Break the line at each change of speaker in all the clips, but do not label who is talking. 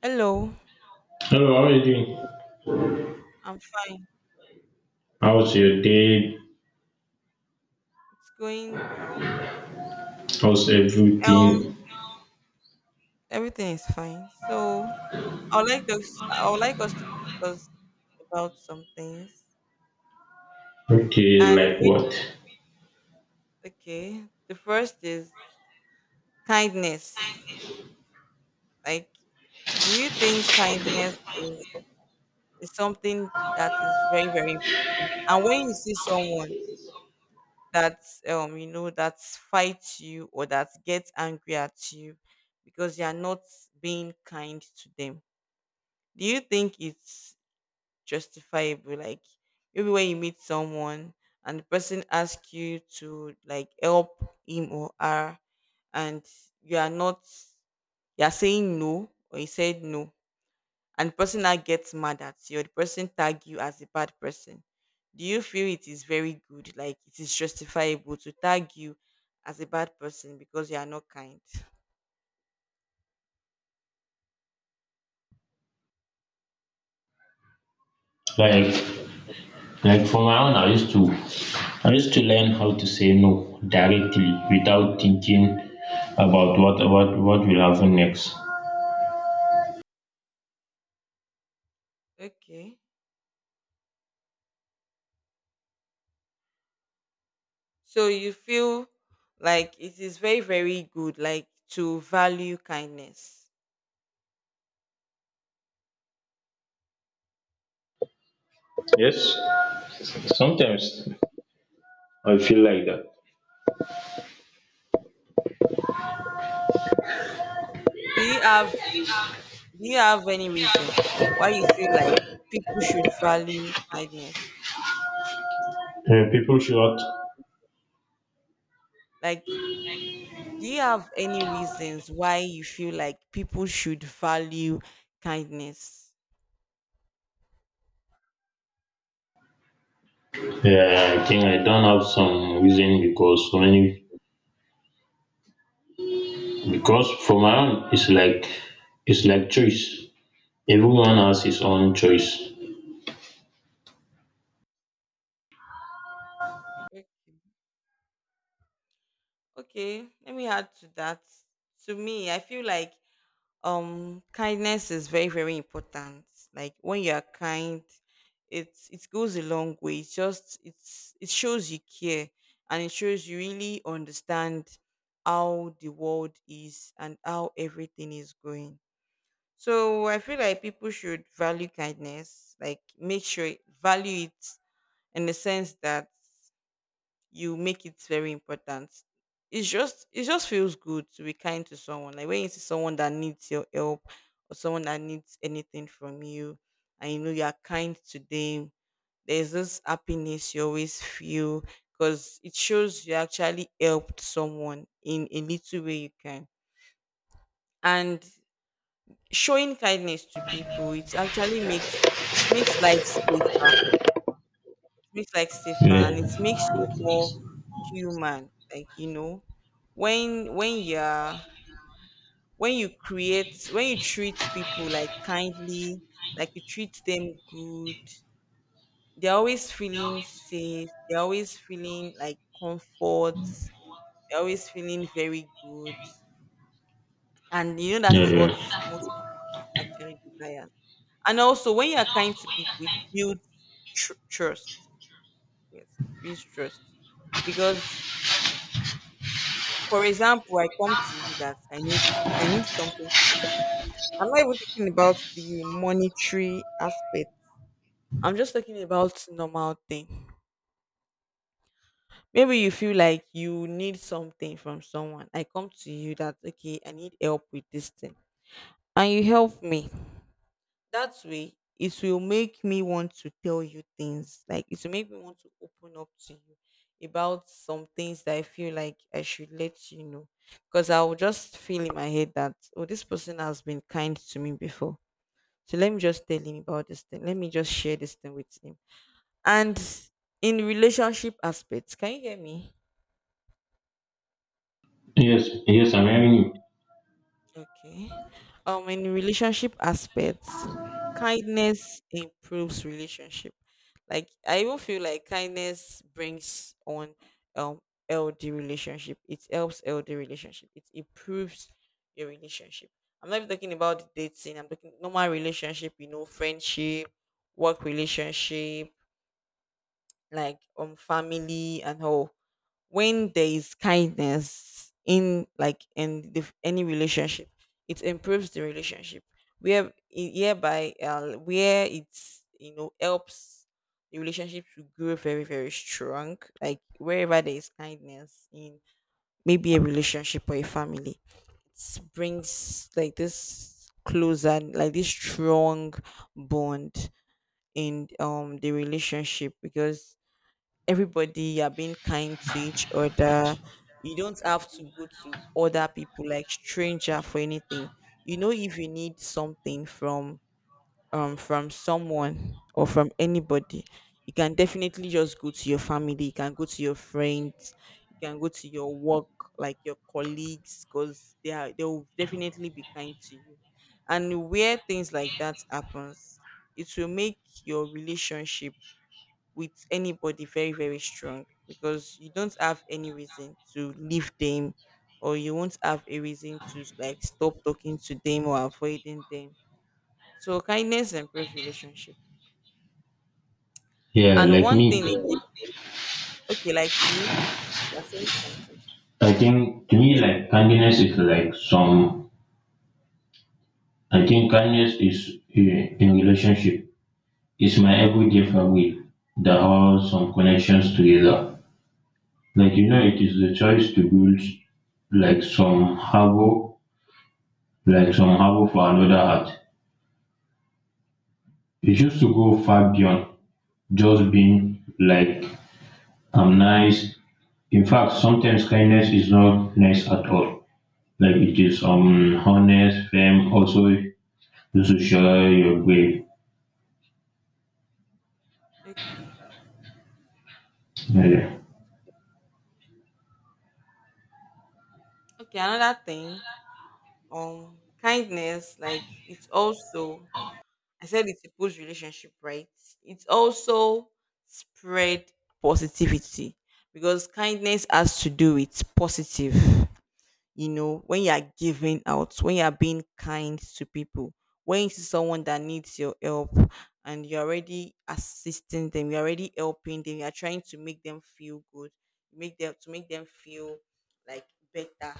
Hello,
Hello, how are you doing?
I'm fine.
How's your day?
It's going well.
How's
Um,
everything?
everything is fine. So I would like those. I would like us to discuss about some things,
Okay,
and
like
which
what?
okay. The first is kindness. Like, do you think kindness is something that is very very? And when you see someone that you know that fights you or that gets angry at you because you are not being kind to them, do you think it's justifiable? Like maybe when you meet someone and the person asks you to like help him or her, and you are not you are saying no or you said no, and the person now gets mad at you or the person tag you as a bad person, do you feel it is very good, like it is justifiable to tag you as a bad person because you are not kind?
Like, like for my own, I used to learn how to say no directly without thinking about what will happen next.
Okay. So you feel like it is very, very good, like to value kindness.
Yes, sometimes I feel like that.
So do you have any reason why you feel like people should value kindness?
People should.
Like, do you have any reasons why you feel like people should value kindness?
Yeah, yeah, I think I don't have some reason because so many because for my own, it's like choice. Everyone has his own choice.
Okay. Okay, let me add to that. To me, I feel like kindness is very very important. Like when you are kind, it goes a long way. It's just it's it shows you care, and it shows you really understand how the world is and how everything is going. So I feel like people should value kindness, like make sure value it, in the sense that you make it very important. It just feels good to be kind to someone. Like when you see someone that needs your help or someone that needs anything from you, and you know you are kind to them, there's this happiness you always feel, because it shows you actually helped someone in a little way you can. And showing kindness to people, it makes life safer, makes life safer, and it
Like,
makes you more human, like you know, when you're when you treat people like kindly, like you treat them good, they're always feeling safe, they're always feeling like comfort, they're always feeling very good. And you know that
yeah,
is what most of us
yeah.
actually desire. And also when you're kind to people, it builds trust. Yes, it builds trust. Because for example, I come to you that I need something. I'm not even talking about the monetary aspect. I'm just talking about normal thing. Maybe you feel like you need something from someone. I come to you that okay, I need help with this thing. And you help me. That way it will make me want to tell you things, like it will make me want to open up to you about some things that I feel like I should let you know. Because I will just feel in my head that, oh, this person has been kind to me before, so let me just tell him about this thing, let me just share this thing with him. And in relationship aspects, can you hear me?
Yes, yes, I'm hearing you.
Okay. In relationship aspects, kindness improves relationship. Like I even feel like kindness brings on um LD relationship. It helps LD relationship. It improves your relationship. I'm not even talking about the dating. I'm talking normal relationship. You know, friendship, work relationship, like family and all. When there is kindness in, like in the, any relationship, it improves the relationship, where hereby where it's, you know, helps the relationship to grow very very strong. Like wherever there is kindness in maybe a relationship or a family, it brings like this closer, like this strong bond in the relationship, because everybody, you're being kind to each other, you don't have to go to other people like stranger for anything. You know, if you need something from someone or from anybody, you can definitely just go to your family, you can go to your friends, you can go to your work, like your colleagues, because they will definitely be kind to you. And where things like that happens, it will make your relationship with anybody very very strong, because you don't have any reason to leave them, or you won't have a reason to like stop talking to them or avoiding them. So kindness improves relationship.
Yeah,
And
like
one
me.
thing again, okay, like you, you're saying something.
I think to me, like kindness is like some. I think kindness is eh, in relationship. It's my everyday family that holds some connections together. Like you know, it is the choice to build like some harbor, like some harbor for another heart. It used to go far beyond just being like I'm nice. In fact, sometimes kindness is not nice at all. Like it is unhonest, fame also you should share your way.
Okay
Yeah, yeah,
okay, another thing, kindness, like it's also, I said it's a relationship, right? It also spread positivity, because kindness has to do with positive. You know, when you are giving out, when you are being kind to people, when you see someone that needs your help and you're already assisting them, you're already helping them, you're trying to make them feel good, make them feel like better.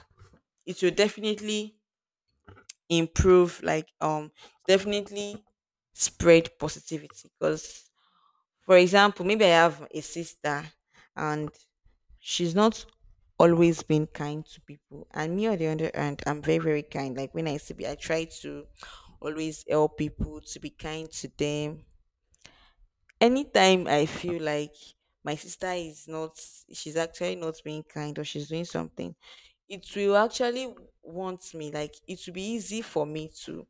It will definitely improve like definitely spread positivity. Because for example, maybe I have a sister, and she's not always been kind to people, and me on the other hand, I'm very very kind. Like when I see I try to always help people, to be kind to them. Anytime I feel like my sister is not, she's actually not being kind, or she's doing something, it will actually want me, like, it will be easy for me to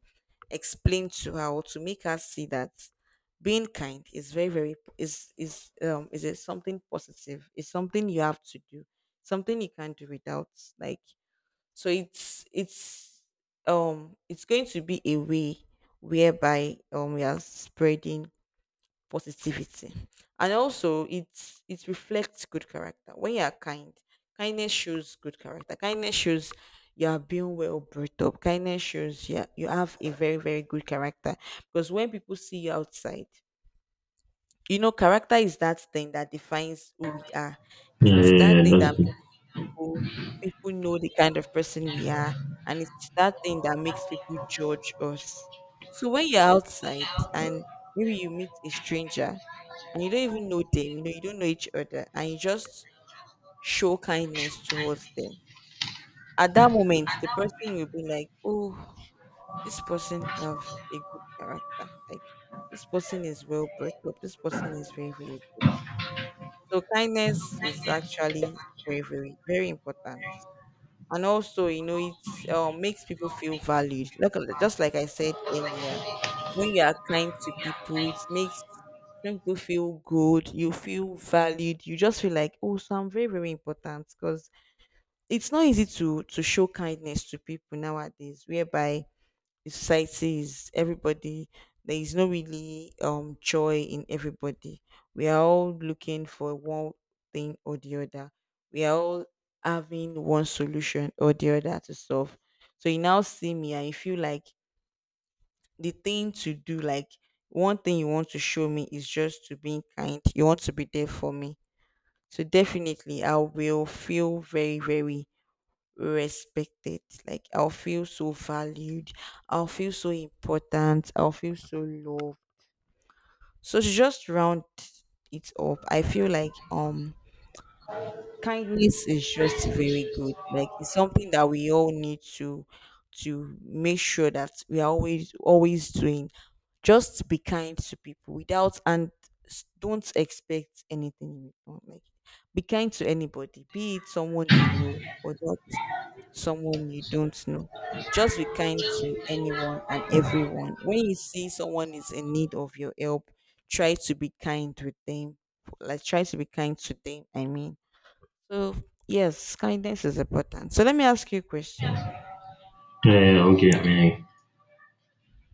explain to her or to make her see that being kind is very, very, is it something positive? It's something you have to do, something you can't do without. Like, so it's going to be a way whereby, we are spreading positivity. And also it reflects good character. When you are kind, kindness shows good character. Kindness shows you are being well brought up. Kindness shows you have a very, very good character. Because when people see you outside, you know, character is that thing that defines who we are.
yeah,
It's
yeah,
that
yeah,
thing that
that's it.
makes people, people know the kind of person we are. And it's that thing that makes people judge us. So when you're outside and maybe you meet a stranger, and you don't even know them, you know, you don't know each other, and you just show kindness towards them, at that moment, the person will be like, "Oh, this person have a good character. Like this person is well brought up. This person is very, very good." So kindness is actually very, very, very important. And also, you know, it makes people feel valued, like just like I said earlier, when you are kind to people, it makes when people feel good, you feel valued. You just feel like, oh, so I'm very very important. Because it's not easy to show kindness to people nowadays, whereby the society is everybody, there is no really joy in everybody. We are all looking for one thing or the other, we are all having one solution or the other to solve. So you now see me and you feel like the thing to do, like one thing you want to show me is just to be kind, you want to be there for me. So definitely I will feel very very respected. Like I'll feel so valued. I'll feel so important. I'll feel so loved. So to just round it up, I feel like kindness is just very good. Like it's something that we all need to make sure that we are always always doing. Just be kind to people without, and don't expect anything in return. Like be kind to anybody, be it someone you know or not, someone you don't know. Just be kind to anyone and everyone. When you see someone is in need of your help, try to be kind with them. Like try to be kind to them. I mean, so yes, kindness is important. So let me ask you a question.
Yeah, yeah, yeah, okay. I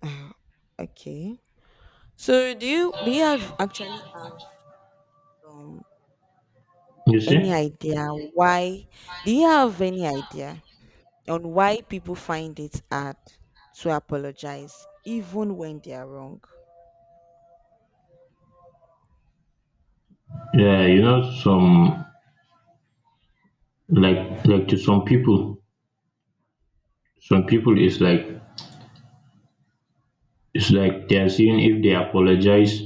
Ah, okay. So do you have actually have um
you
any
see,
idea why, do you have any idea on why people find it hard to apologize even when they are wrong?
yeah, you know, some like to some people is like it's like they are seeing if they apologize,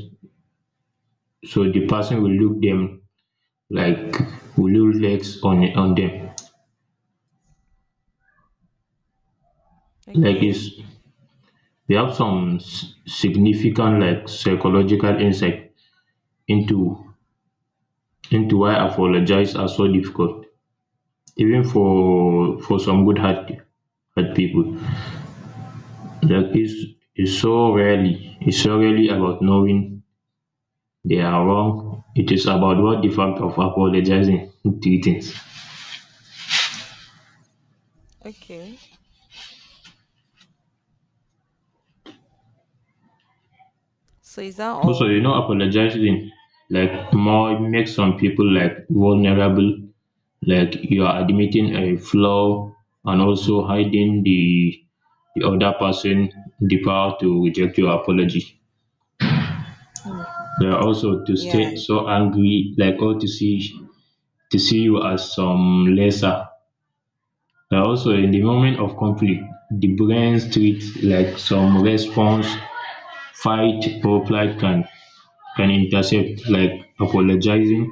so the person will look them like will look legs on them. Like
Okay.
it's they have some s- significant like psychological insight into into why apologize are so difficult, even for some good heart people. Like it's so rarely it's so rarely about knowing they are wrong. It is about what the fact of apologizing things.
Okay. So is that
Also,
all?
you know, apologizing like more makes some people like vulnerable. Like you are admitting a flaw and also hiding the other person the power to reject your apology.
Mm.
Yeah, also to
Yeah.
stay so angry, like or to see you as some lesser. Yeah, also in the moment of conflict, the brain treats like some response, fight or flight can intercept like apologizing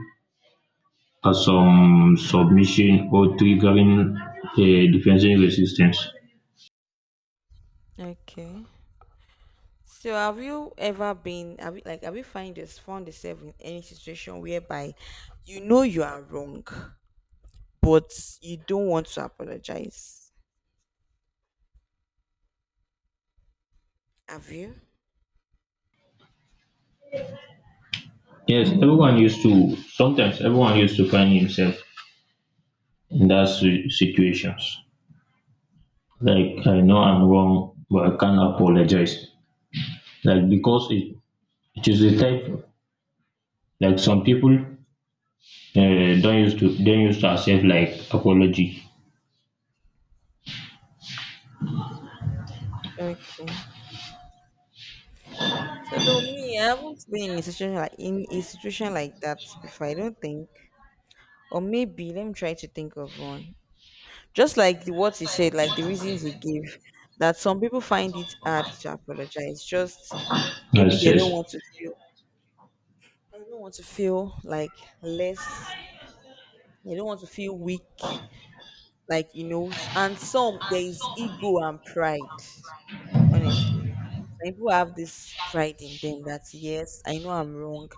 or some submission or triggering a defensive resistance.
Okay. So have you ever been, like have you find this found yourself in any situation whereby you know you are wrong but you don't want to apologize? Have you?
Yes, everyone used to sometimes everyone used to find himself in that si- situations. Like I know I'm wrong, but I can't apologize. Like because it is the type like some people don't used to accept like apology
Okay. So though me, I haven't been in a situation, in a situation like that before, I don't think. Or maybe let me try to think of one. Just like the, what he said, like the reasons he gave, that some people find it hard to apologize. Just maybe
as yes
they don't want to feel like less, they don't want to feel weak, like you know. And some, there is ego and pride, honestly. Like people have this pride in them that, yes, I know I'm wrong.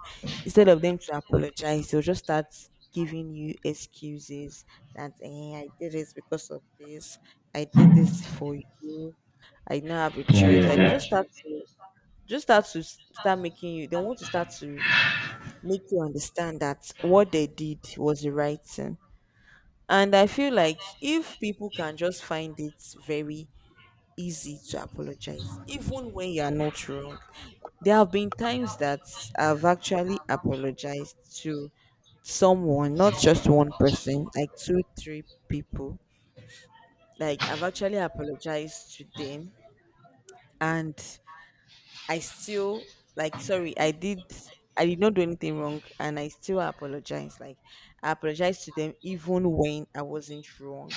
Instead of them to apologize, they'll just start giving you excuses that, eh, I did this because of this, I did this for you, I now have a
yeah
choice.
yeah
Like they
yeah
just start to start making you, they want to start to make you understand that what they did was the right thing. And I feel like if people can just find it very easy to apologize, even when you are not wrong, there have been times that I've actually apologized to someone, not just one person, like two, three people. Like I've actually apologized to them, and I still like sorry, I did not do anything wrong and I still apologize. Like I apologize to them even when I wasn't wrong.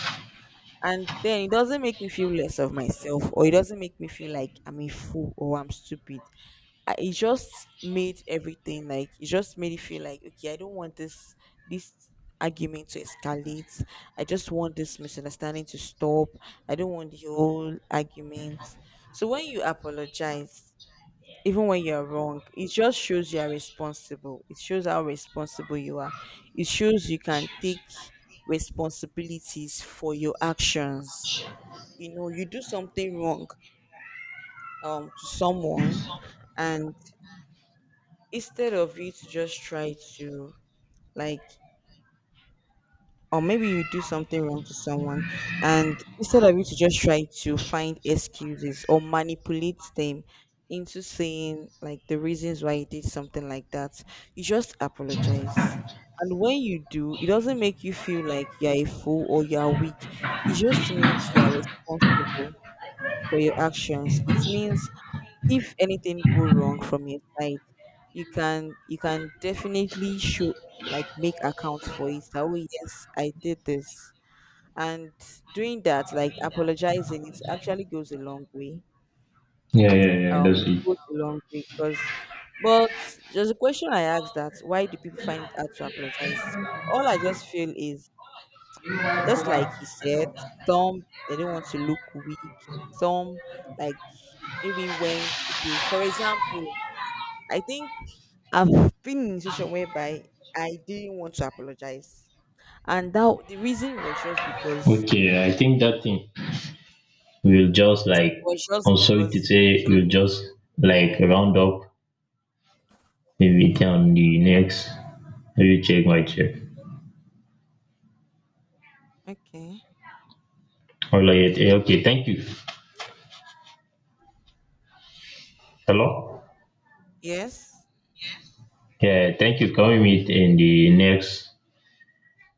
And then it doesn't make me feel less of myself, or it doesn't make me feel like I'm a fool or I'm stupid. It just made everything, like it just made it feel like, okay, I don't want this argument to escalate, I just want this misunderstanding to stop, I don't want the whole argument. So when you apologize even when you're wrong, it just shows you are responsible, it shows how responsible you are, it shows you can take responsibilities for your actions. You know, you do something wrong to someone, and instead of you to just try to like, or maybe you do something wrong to someone, and instead of you to just try to find excuses or manipulate them into saying like the reasons why you did something like that, you just apologize. And when you do, it doesn't make you feel like you're a fool or you're weak. It just means you're responsible for your actions. It means if anything go wrong from your side, you can, definitely show, like make accounts for it that, oh, yes, I did this. And doing that, like apologizing, it actually goes a long way.
yeah, that's
It
it.
goes a long way. Because but there's a question I asked that why do people find it hard to apologize. All I just feel is, just like he said, some they don't want to look weak, some like, maybe when, okay, for example, I think I've been in a situation whereby I didn't want to apologize. And that the reason
Okay, I think that thing we'll just
was
like
just
I'm sorry to
because,
say
okay.
we'll just like round up maybe on the next maybe check my check.
Okay.
All right, okay, thank you. Hello.
Yes.
Yeah, thank you. Can we meet in the next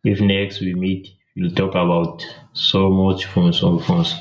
if next we meet, we'll talk about so much from some phones.